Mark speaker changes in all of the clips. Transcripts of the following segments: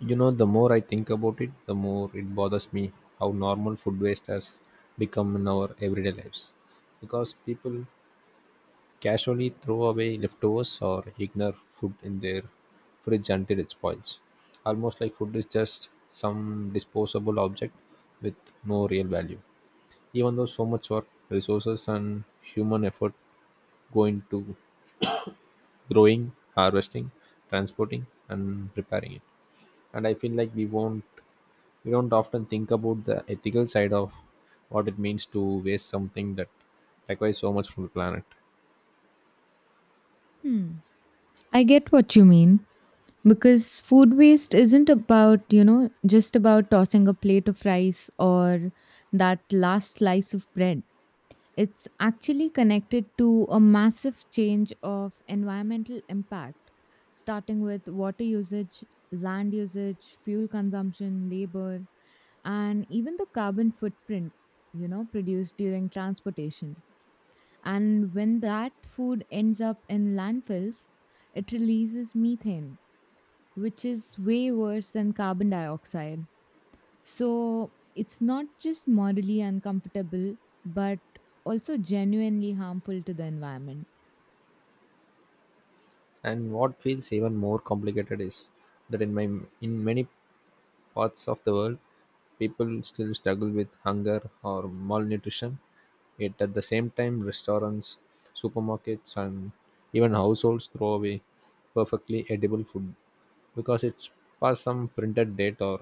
Speaker 1: You know, the more I think about it, the more it bothers me how normal food waste has become in our everyday lives. Because people casually throw away leftovers or ignore food in their fridge until it spoils. Almost like food is just some disposable object with no real value. Even though so much work, resources, and human effort go into growing, harvesting, transporting, and preparing it. And I feel like we don't often think about the ethical side of what it means to waste something that requires so much from the planet.
Speaker 2: Hmm. I get what you mean because food waste isn't about, just about tossing a plate of rice or that last slice of bread. It's actually connected to a massive change of environmental impact, starting with water usage, land usage, fuel consumption, labor, and even the carbon footprint, produced during transportation. And when that food ends up in landfills, it releases methane, which is way worse than carbon dioxide. So it's not just morally uncomfortable, but also genuinely harmful to the environment.
Speaker 1: And what feels even more complicated is that in many parts of the world, people still struggle with hunger or malnutrition, yet at the same time restaurants, supermarkets, and even households throw away perfectly edible food because it's past some printed date or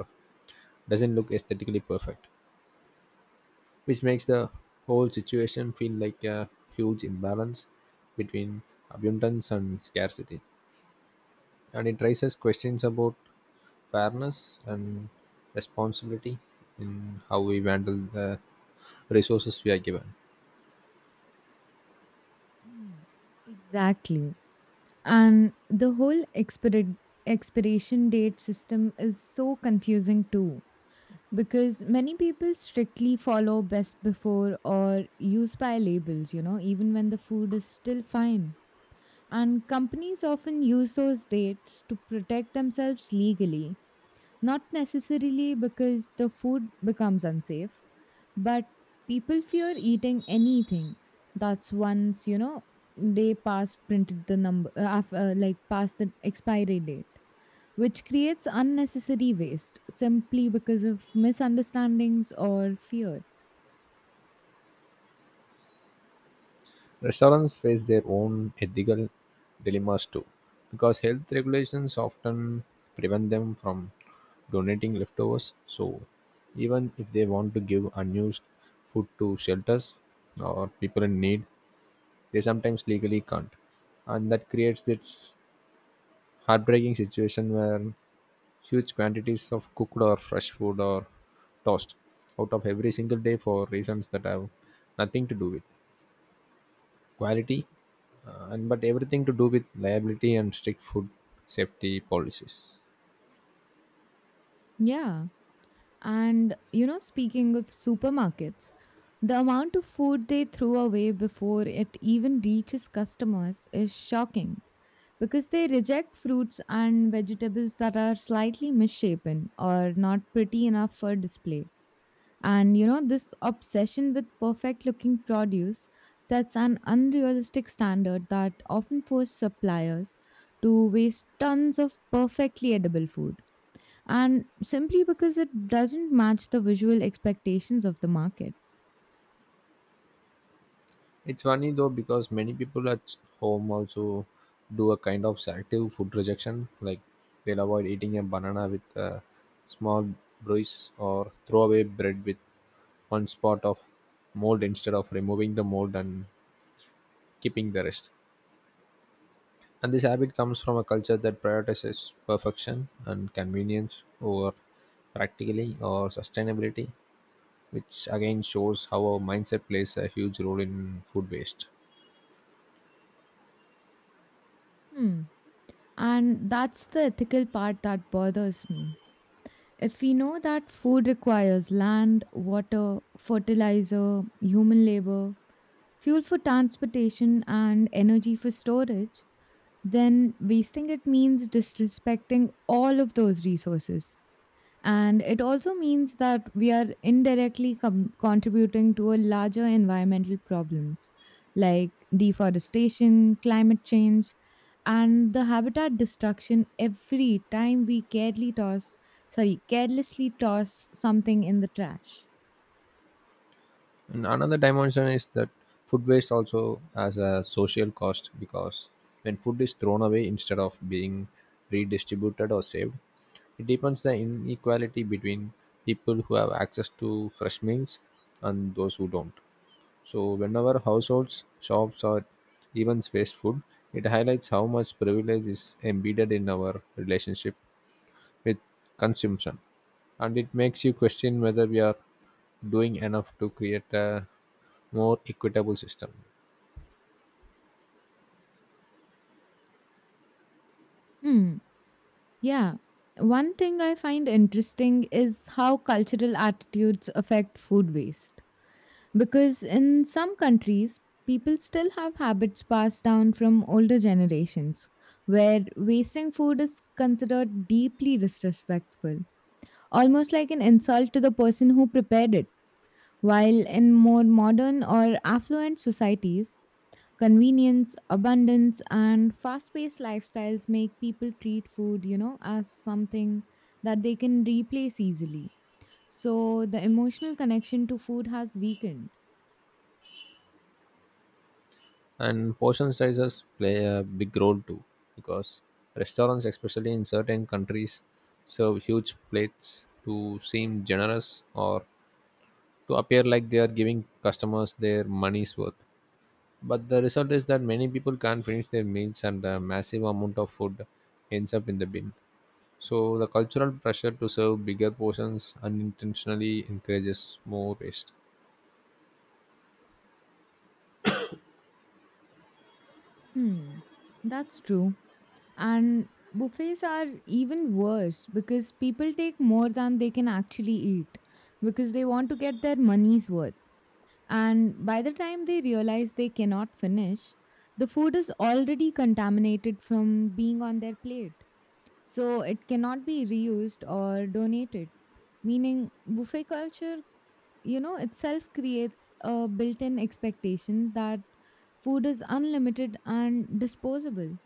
Speaker 1: doesn't look aesthetically perfect, which makes the whole situation feel like a huge imbalance between abundance and scarcity. And it raises questions about fairness and responsibility in how we handle the resources we are given.
Speaker 2: Hmm. Exactly. And the whole expiration date system is so confusing too because many people strictly follow best before or use by labels, even when the food is still fine. And companies often use those dates to protect themselves legally, not necessarily because the food becomes unsafe, but people fear eating anything that's they past printed the like past the expiry date, which creates unnecessary waste simply because of misunderstandings or fear.
Speaker 1: Restaurants face their own ethical dilemmas too, because health regulations often prevent them from donating leftovers. So, even if they want to give unused food to shelters or people in need, they sometimes legally can't, and that creates this heartbreaking situation where huge quantities of cooked or fresh food are tossed out of every single day for reasons that have nothing to do with quality, and but everything to do with liability and strict food safety policies.
Speaker 2: Yeah. And, speaking of supermarkets, the amount of food they throw away before it even reaches customers is shocking because they reject fruits and vegetables that are slightly misshapen or not pretty enough for display. And this obsession with perfect looking produce sets an unrealistic standard that often forces suppliers to waste tons of perfectly edible food, and simply because it doesn't match the visual expectations of the market.
Speaker 1: It's funny though, because many people at home also do a kind of selective food rejection, like they'll avoid eating a banana with a small bruise or throw away bread with one spot of mold instead of removing the mold and keeping the rest. And this habit comes from a culture that prioritizes perfection and convenience over practically or sustainability, which again shows how our mindset plays a huge role in food waste.
Speaker 2: Hmm. And that's the ethical part that bothers me. If we know that food requires land, water, fertilizer, human labor, fuel for transportation, and energy for storage, then wasting it means disrespecting all of those resources. And it also means that we are indirectly contributing to a larger environmental problems like deforestation, climate change, and the habitat destruction every time we carelessly toss something in the trash.
Speaker 1: And another dimension is that food waste also has a social cost, because when food is thrown away instead of being redistributed or saved, it deepens the inequality between people who have access to fresh meals and those who don't. So, whenever households, shops, or even waste food, it highlights how much privilege is embedded in our relationship with consumption. And it makes you question whether we are doing enough to create a more equitable system.
Speaker 2: Hmm. Yeah. One thing I find interesting is how cultural attitudes affect food waste, because in some countries, people still have habits passed down from older generations, where wasting food is considered deeply disrespectful, almost like an insult to the person who prepared it. While in more modern or affluent societies, convenience, abundance, and fast paced lifestyles make people treat food, as something that they can replace easily. So the emotional connection to food has weakened.
Speaker 1: And portion sizes play a big role too, because restaurants, especially in certain countries, serve huge plates to seem generous or to appear like they are giving customers their money's worth, but the result is that many people can't finish their meals and a massive amount of food ends up in the bin. So the cultural pressure to serve bigger portions unintentionally encourages more waste.
Speaker 2: Hmm, that's true. And buffets are even worse because people take more than they can actually eat because they want to get their money's worth. And by the time they realize they cannot finish, the food is already contaminated from being on their plate. So it cannot be reused or donated. Meaning, buffet culture, itself creates a built in expectation that food is unlimited and disposable.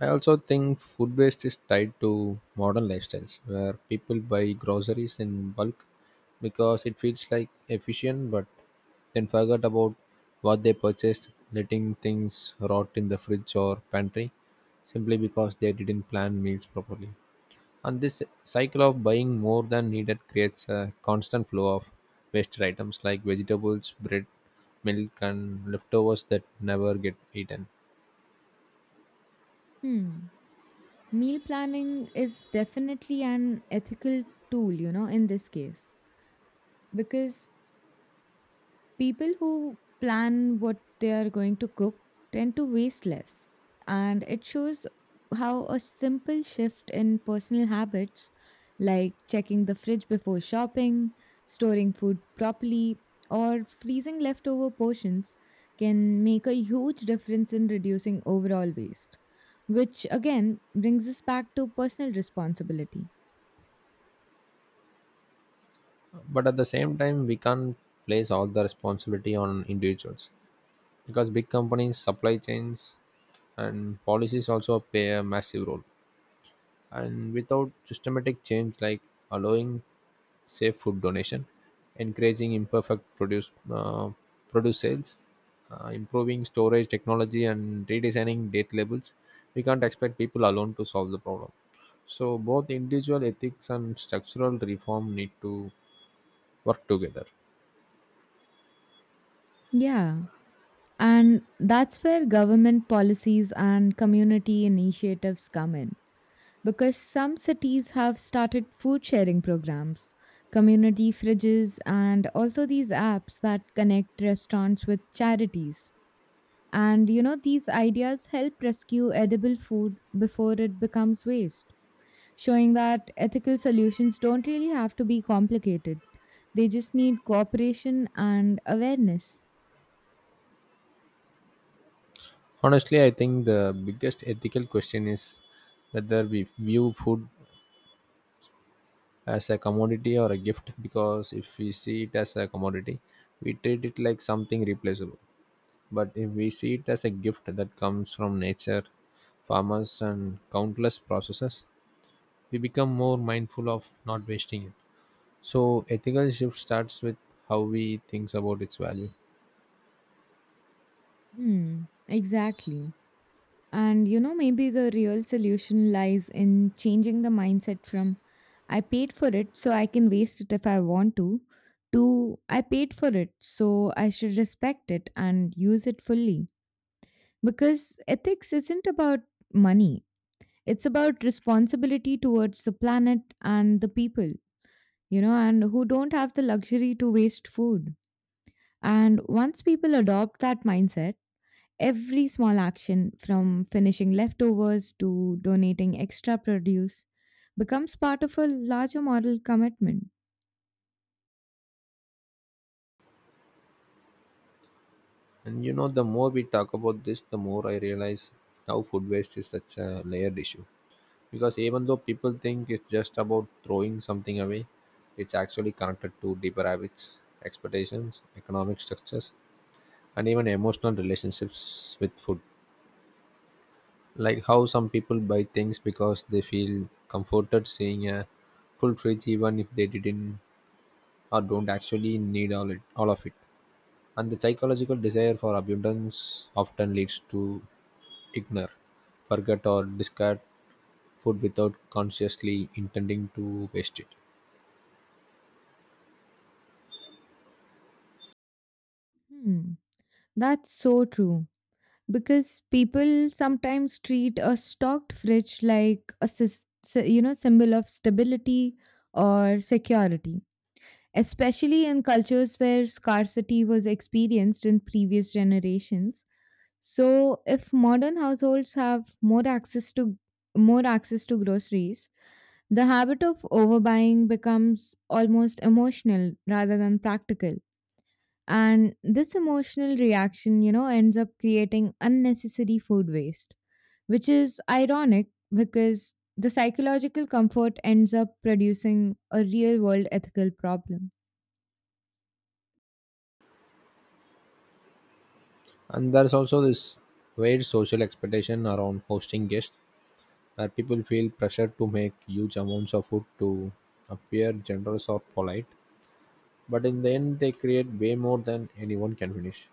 Speaker 1: I also think food waste is tied to modern lifestyles where people buy groceries in bulk because it feels like efficient, but then forget about what they purchased, letting things rot in the fridge or pantry simply because they didn't plan meals properly. And this cycle of buying more than needed creates a constant flow of wasted items like vegetables, bread, milk, and leftovers that never get eaten.
Speaker 2: Hmm. Meal planning is definitely an ethical tool, in this case, because people who plan what they are going to cook tend to waste less. And it shows how a simple shift in personal habits, like checking the fridge before shopping, storing food properly, or freezing leftover portions, can make a huge difference in reducing overall waste. Which again brings us back to personal responsibility.
Speaker 1: But at the same time, we can't place all the responsibility on individuals, because big companies, supply chains, and policies also play a massive role, and without systematic change like allowing safe food donation, encouraging imperfect produce sales, improving storage technology, and redesigning date labels, we can't expect people alone to solve the problem. So both individual ethics and structural reform need to work together.
Speaker 2: Yeah. And that's where government policies and community initiatives come in, because some cities have started food sharing programs, community fridges, and also these apps that connect restaurants with charities. And these ideas help rescue edible food before it becomes waste, showing that ethical solutions don't really have to be complicated. They just need cooperation and awareness.
Speaker 1: Honestly, I think the biggest ethical question is whether we view food as a commodity or a gift, because if we see it as a commodity, we treat it like something replaceable. But if we see it as a gift that comes from nature, farmers, and countless processes, we become more mindful of not wasting it. So, ethical shift starts with how we think about its value.
Speaker 2: Hmm, exactly. And maybe the real solution lies in changing the mindset from I paid for it, so I can waste it if I want to I paid for it, so I should respect it and use it fully. Because ethics isn't about money, it's about responsibility towards the planet and the people, and who don't have the luxury to waste food. And once people adopt that mindset, every small action, from finishing leftovers to donating extra produce, becomes part of a larger moral commitment.
Speaker 1: And you know, the more we talk about this, the more I realize how food waste is such a layered issue, because even though people think it's just about throwing something away, it's actually connected to deeper habits, expectations, economic structures, and even emotional relationships with food, like how some people buy things because they feel comforted seeing a full fridge even if they didn't or don't actually need all of it. And the psychological desire for abundance often leads to ignore, forget, or discard food without consciously intending to waste it.
Speaker 2: Hmm. That's so true. Because people sometimes treat a stocked fridge like a symbol of stability or security, especially in cultures where scarcity was experienced in previous generations. So if modern households have more access to groceries, the habit of overbuying becomes almost emotional rather than practical. And this emotional reaction, ends up creating unnecessary food waste, which is ironic because the psychological comfort ends up producing a real world ethical problem.
Speaker 1: And there's also this weird social expectation around hosting guests, where people feel pressure to make huge amounts of food to appear generous or polite. But in the end, they create way more than anyone can finish.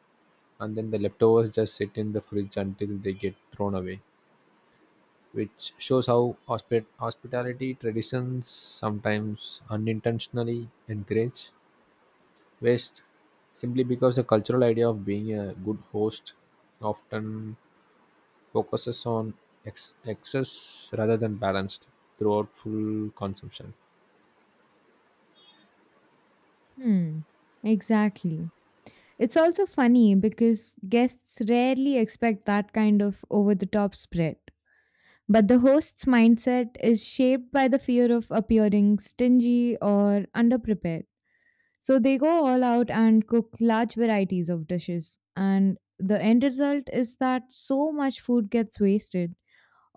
Speaker 1: And then the leftovers just sit in the fridge until they get thrown away, which shows how hospitality traditions sometimes unintentionally encourage waste simply because the cultural idea of being a good host often focuses on excess rather than balanced throughout full consumption.
Speaker 2: Hmm, exactly. It's also funny because guests rarely expect that kind of over the top spread. But the host's mindset is shaped by the fear of appearing stingy or underprepared. So they go all out and cook large varieties of dishes. And the end result is that so much food gets wasted,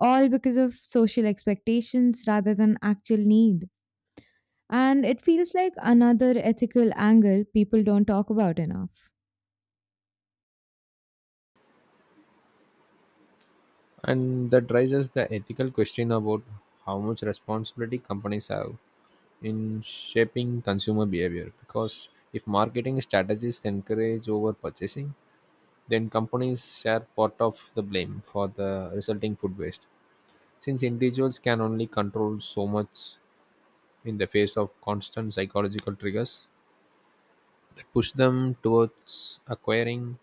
Speaker 2: all because of social expectations rather than actual need. And it feels like another ethical angle people don't talk about enough.
Speaker 1: And that raises the ethical question about how much responsibility companies have in shaping consumer behavior. Because if marketing strategies encourage over purchasing, then companies share part of the blame for the resulting food waste, since individuals can only control so much in the face of constant psychological triggers that push them towards acquiring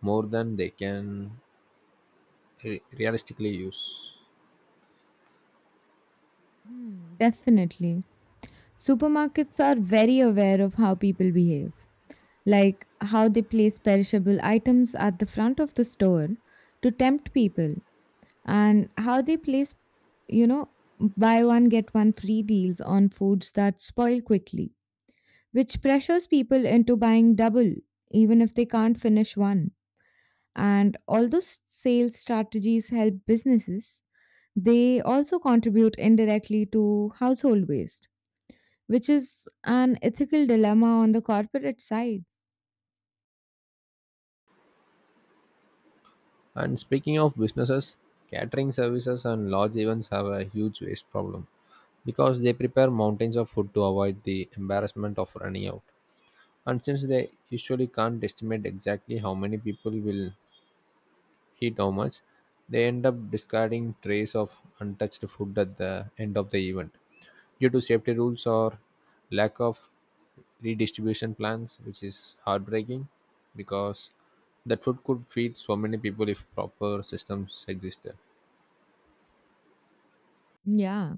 Speaker 1: more than they can realistically use.
Speaker 2: Hmm, definitely. Supermarkets are very aware of how people behave, like how they place perishable items at the front of the store to tempt people, and how they place, you know, buy one get one free deals on foods that spoil quickly, which pressures people into buying double even if they can't finish one. And although sales strategies help businesses, they also contribute indirectly to household waste, which is an ethical dilemma on the corporate side.
Speaker 1: And speaking of businesses, catering services and large events have a huge waste problem, because they prepare mountains of food to avoid the embarrassment of running out. And since they usually can't estimate exactly how many people will eat how much, they end up discarding trays of untouched food at the end of the event due to safety rules or lack of redistribution plans, which is heartbreaking because that food could feed so many people if proper systems existed.
Speaker 2: Yeah.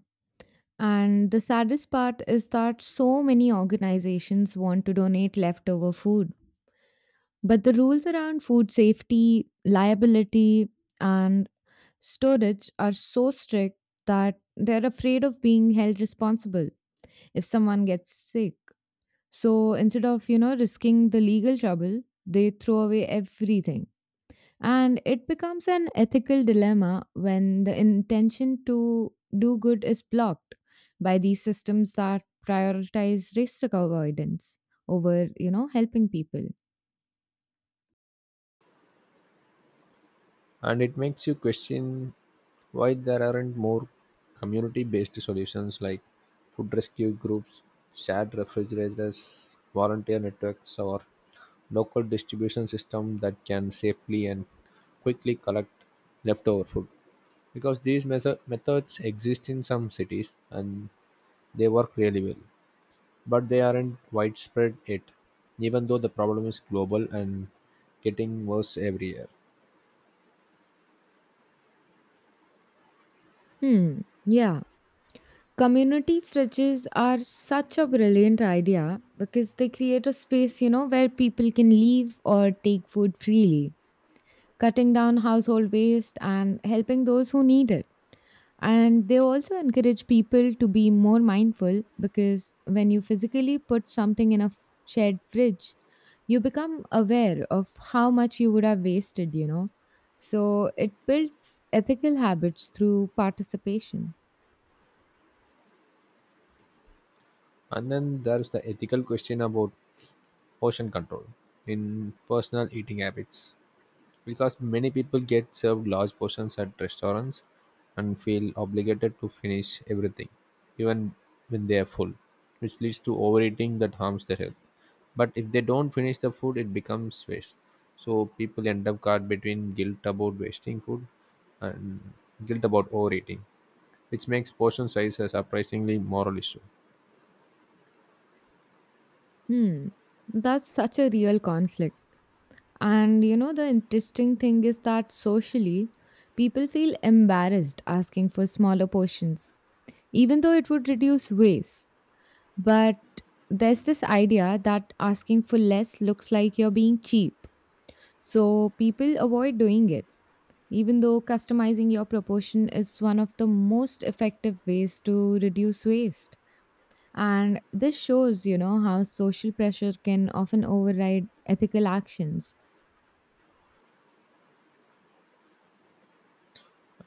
Speaker 2: And the saddest part is that so many organizations want to donate leftover food. But the rules around food safety, liability, and storage are so strict that they're afraid of being held responsible if someone gets sick. So instead of, risking the legal trouble, they throw away everything. And it becomes an ethical dilemma when the intention to do good is blocked by these systems that prioritize risk avoidance over, helping people.
Speaker 1: And it makes you question why there aren't more community based solutions like food rescue groups, shared refrigerators, volunteer networks, or local distribution system that can safely and quickly collect leftover food, because these methods exist in some cities and they work really well. But they aren't widespread yet, even though the problem is global and getting worse every year.
Speaker 2: Hmm. Yeah. Community fridges are such a brilliant idea because they create a space, where people can leave or take food freely, cutting down household waste and helping those who need it. And they also encourage people to be more mindful because when you physically put something in a shared fridge, you become aware of how much you would have wasted. So it builds ethical habits through participation.
Speaker 1: And then there's the ethical question about portion control in personal eating habits, because many people get served large portions at restaurants and feel obligated to finish everything even when they are full, which leads to overeating that harms their health, but if they don't finish the food it becomes waste. So people end up caught between guilt about wasting food and guilt about overeating, which makes portion size a surprisingly moral issue.
Speaker 2: Hmm. That's such a real conflict. And the interesting thing is that socially, people feel embarrassed asking for smaller portions even though it would reduce waste. But there's this idea that asking for less looks like you're being cheap. So people avoid doing it, even though customizing your proportion is one of the most effective ways to reduce waste. And this shows, how social pressure can often override ethical actions.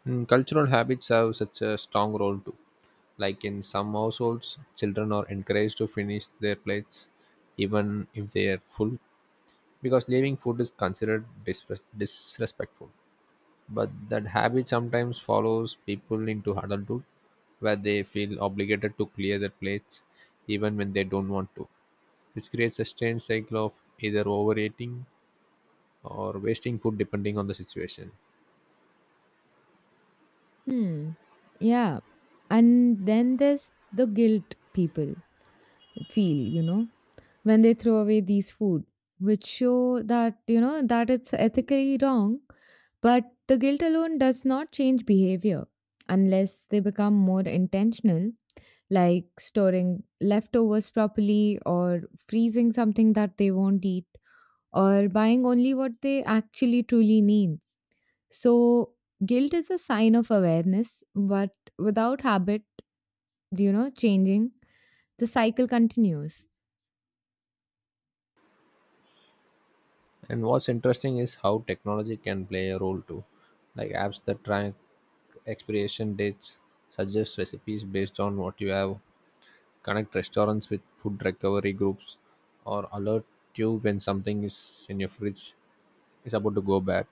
Speaker 1: Cultural habits have such a strong role too. Like in some households, children are encouraged to finish their plates even if they are full, because leaving food is considered disrespectful. But that habit sometimes follows people into adulthood where they feel obligated to clear their plates even when they don't want to, which creates a strange cycle of either overeating or wasting food depending on the situation.
Speaker 2: Hmm. Yeah. And then there's the guilt people feel when they throw away these food, which show that, that it's ethically wrong, but the guilt alone does not change behavior unless they become more intentional, like storing leftovers properly or freezing something that they won't eat or buying only what they actually truly need. So, guilt is a sign of awareness, but without habit, changing, the cycle continues.
Speaker 1: And what's interesting is how technology can play a role too. Like apps that track expiration dates, suggest recipes based on what you have, connect restaurants with food recovery groups, or alert you when something is in your fridge is about to go bad.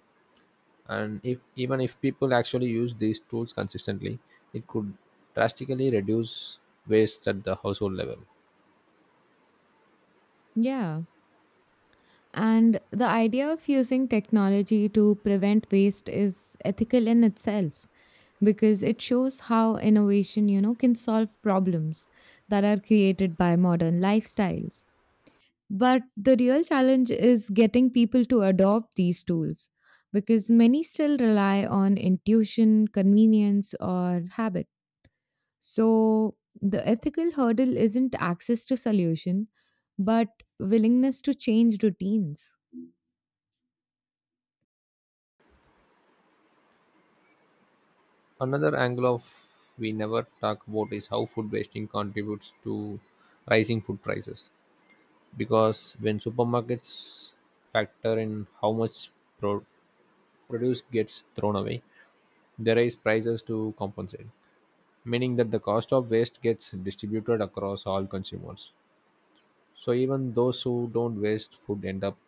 Speaker 1: And if even if people actually use these tools consistently, it could drastically reduce waste at the household level.
Speaker 2: Yeah. And the idea of using technology to prevent waste is ethical in itself because it shows how innovation, can solve problems that are created by modern lifestyles. But the real challenge is getting people to adopt these tools because many still rely on intuition, convenience, or habit. So the ethical hurdle isn't access to solution, but willingness to change routines.
Speaker 1: Another angle of we never talk about is how food wasting contributes to rising food prices. Because when supermarkets factor in how much pro- produce gets thrown away, they raise prices to compensate, meaning that the cost of waste gets distributed across all consumers. So even those who don't waste food end up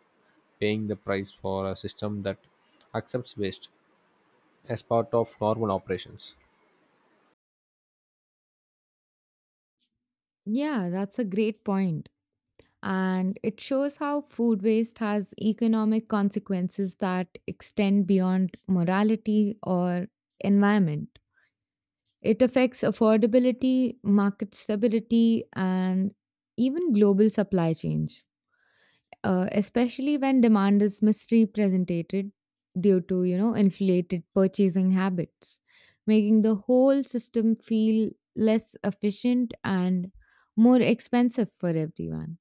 Speaker 1: paying the price for a system that accepts waste as part of normal operations.
Speaker 2: Yeah, that's a great point. And it shows how food waste has economic consequences that extend beyond morality or environment. It affects affordability, market stability, and even global supply chains, especially when demand is misrepresented due to inflated purchasing habits, making the whole system feel less efficient and more expensive for everyone.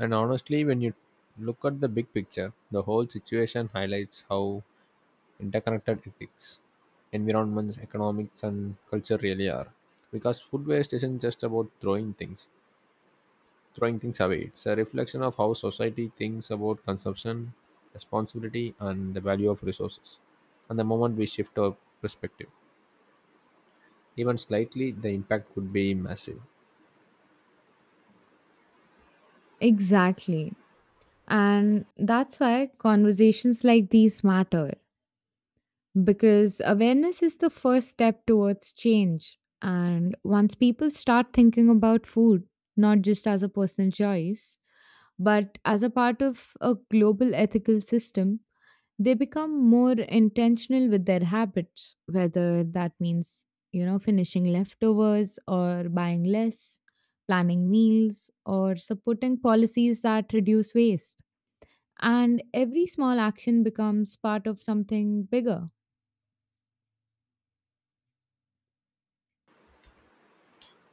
Speaker 1: And honestly, when you look at the big picture, the whole situation highlights how interconnected ethics, environments, economics, and culture really are. Because food waste isn't just about throwing things away. It's a reflection of how society thinks about consumption, responsibility, and the value of resources. And the moment we shift our perspective, even slightly, the impact could be massive.
Speaker 2: Exactly, and that's why conversations like these matter, because awareness is the first step towards change. And once people start thinking about food, not just as a personal choice, but as a part of a global ethical system, they become more intentional with their habits, whether that means, finishing leftovers or buying less, planning meals, or supporting policies that reduce waste. And every small action becomes part of something bigger.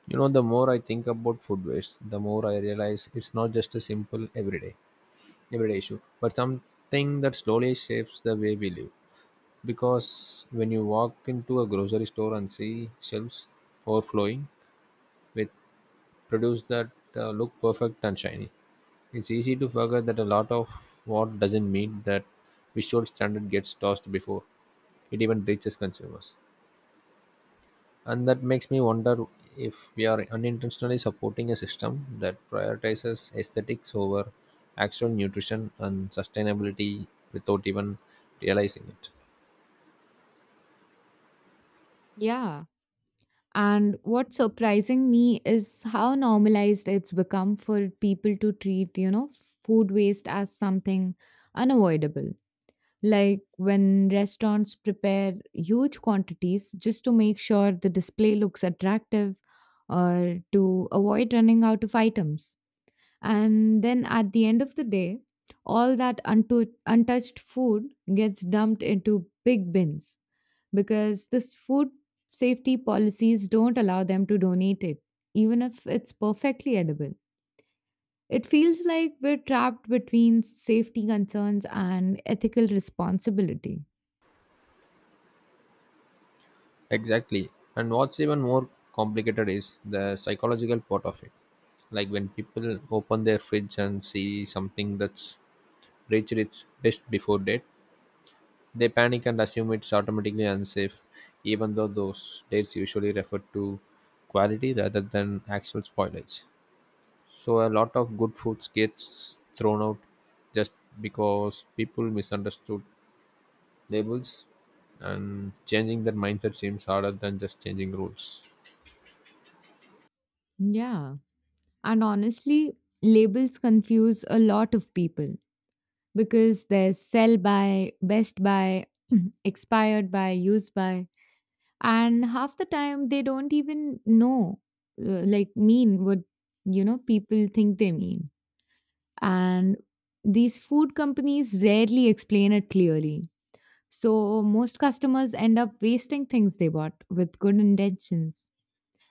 Speaker 1: You know, the more I think about food waste, the more I realize it's not just a simple everyday issue, but something that slowly shapes the way we live. Because when you walk into a grocery store and see shelves overflowing with produce that look perfect and shiny, it's easy to forget that a lot of what doesn't meet that visual standard gets tossed before it even reaches consumers. And that makes me wonder if we are unintentionally supporting a system that prioritizes aesthetics over actual nutrition and sustainability without even realizing it.
Speaker 2: Yeah, and what's surprising me is how normalized it's become for people to treat, food waste as something unavoidable. Like when restaurants prepare huge quantities just to make sure the display looks attractive or to avoid running out of items. And then at the end of the day, all that untouched food gets dumped into big bins because this food safety policies don't allow them to donate it, even if it's perfectly edible. It feels like we're trapped between safety concerns and ethical responsibility.
Speaker 1: Exactly. And what's even more complicated is the psychological part of it. Like when people open their fridge and see something that's reached its best before date, they panic and assume it's automatically unsafe, even though those dates usually refer to quality rather than actual spoilage. So a lot of good foods gets thrown out just because people misunderstood labels, and changing their mindset seems harder than just changing rules.
Speaker 2: Yeah. And honestly, labels confuse a lot of people because there's sell by, best by, expired by, used by, and half the time they don't even like, mean what, people think they mean. And these food companies rarely explain it clearly. So most customers end up wasting things they bought with good intentions.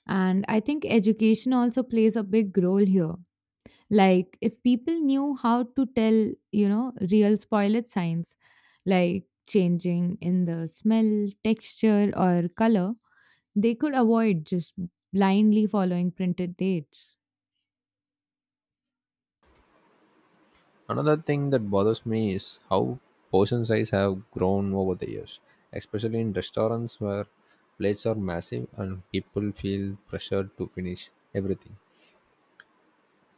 Speaker 2: And I think education also plays a big role here. Like if people knew how to tell, real spoilage signs, like changing in the smell, texture, or color, they could avoid just blindly following printed dates.
Speaker 1: Another thing that bothers me is how portion size have grown over the years, especially in restaurants where plates are massive and people feel pressured to finish everything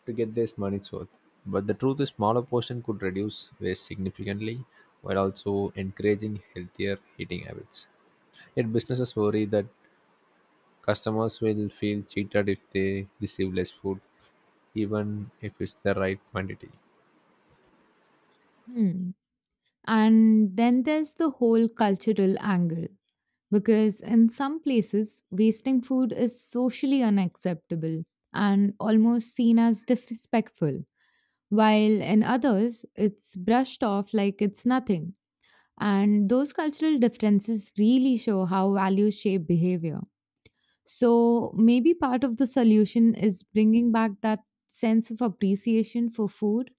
Speaker 1: to get their money's worth. But the truth is smaller portion could reduce waste significantly while also encouraging healthier eating habits. Yet businesses worry that customers will feel cheated if they receive less food, even if it's the right quantity.
Speaker 2: Hmm. And then there's the whole cultural angle, because in some places, wasting food is socially unacceptable and almost seen as disrespectful, while in others, it's brushed off like it's nothing. And those cultural differences really show how values shape behavior. So maybe part of the solution is bringing back that sense of appreciation for food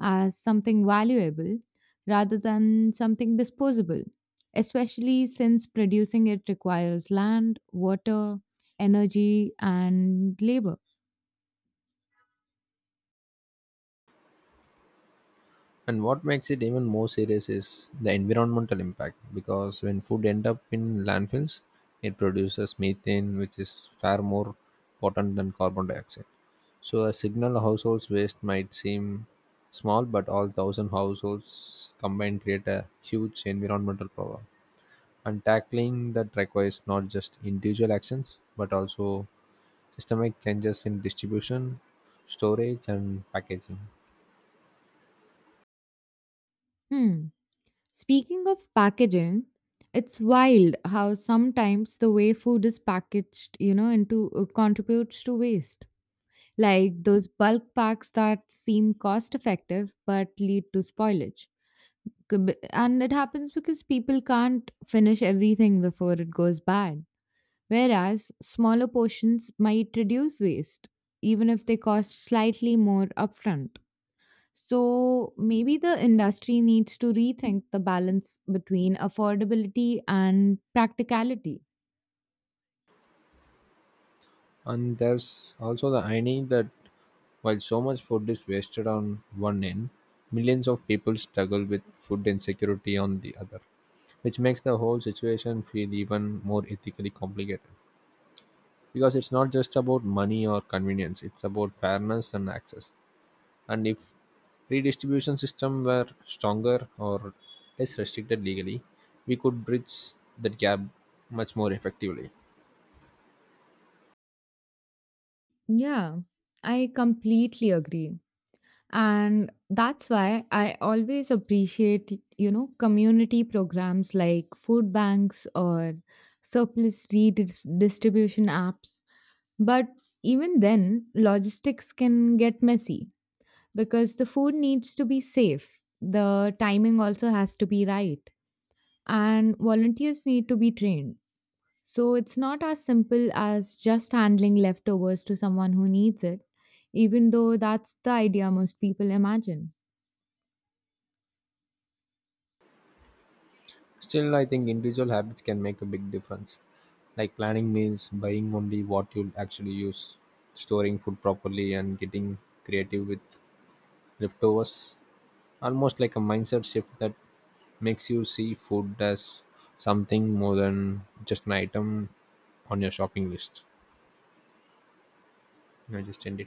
Speaker 2: as something valuable rather than something disposable, especially since producing it requires land, water, energy, and labor.
Speaker 1: And what makes it even more serious is the environmental impact, because when food end up in landfills, it produces methane, which is far more potent than carbon dioxide. So a signal households waste might seem small, but all thousand households combined create a huge environmental problem. And tackling that requires not just individual actions, but also systemic changes in distribution, storage, and packaging.
Speaker 2: Hmm. Speaking of packaging, it's wild how sometimes the way food is packaged, you know, into contributes to waste. Like those bulk packs that seem cost effective but lead to spoilage. And it happens because people can't finish everything before it goes bad, whereas smaller portions might reduce waste, even if they cost slightly more upfront. So maybe the industry needs to rethink the balance between affordability and practicality.
Speaker 1: And there's also the irony that while so much food is wasted on one end, millions of people struggle with food insecurity on the other, which makes the whole situation feel even more ethically complicated. Because it's not just about money or convenience, it's about fairness and access. And if redistribution system were stronger or less restricted legally, we could bridge that gap much more effectively.
Speaker 2: Yeah, I completely agree. And that's why I always appreciate, community programs like food banks or surplus redistribution apps. But even then, logistics can get messy because the food needs to be safe. The timing also has to be right. And volunteers need to be trained. So it's not as simple as just handling leftovers to someone who needs it, even though that's the idea most people imagine.
Speaker 1: Still, I think individual habits can make a big difference, like planning means buying only what you'll actually use, storing food properly, and getting creative with leftovers, almost like a mindset shift that makes you see food as something more than just an item on your shopping list. I just end it.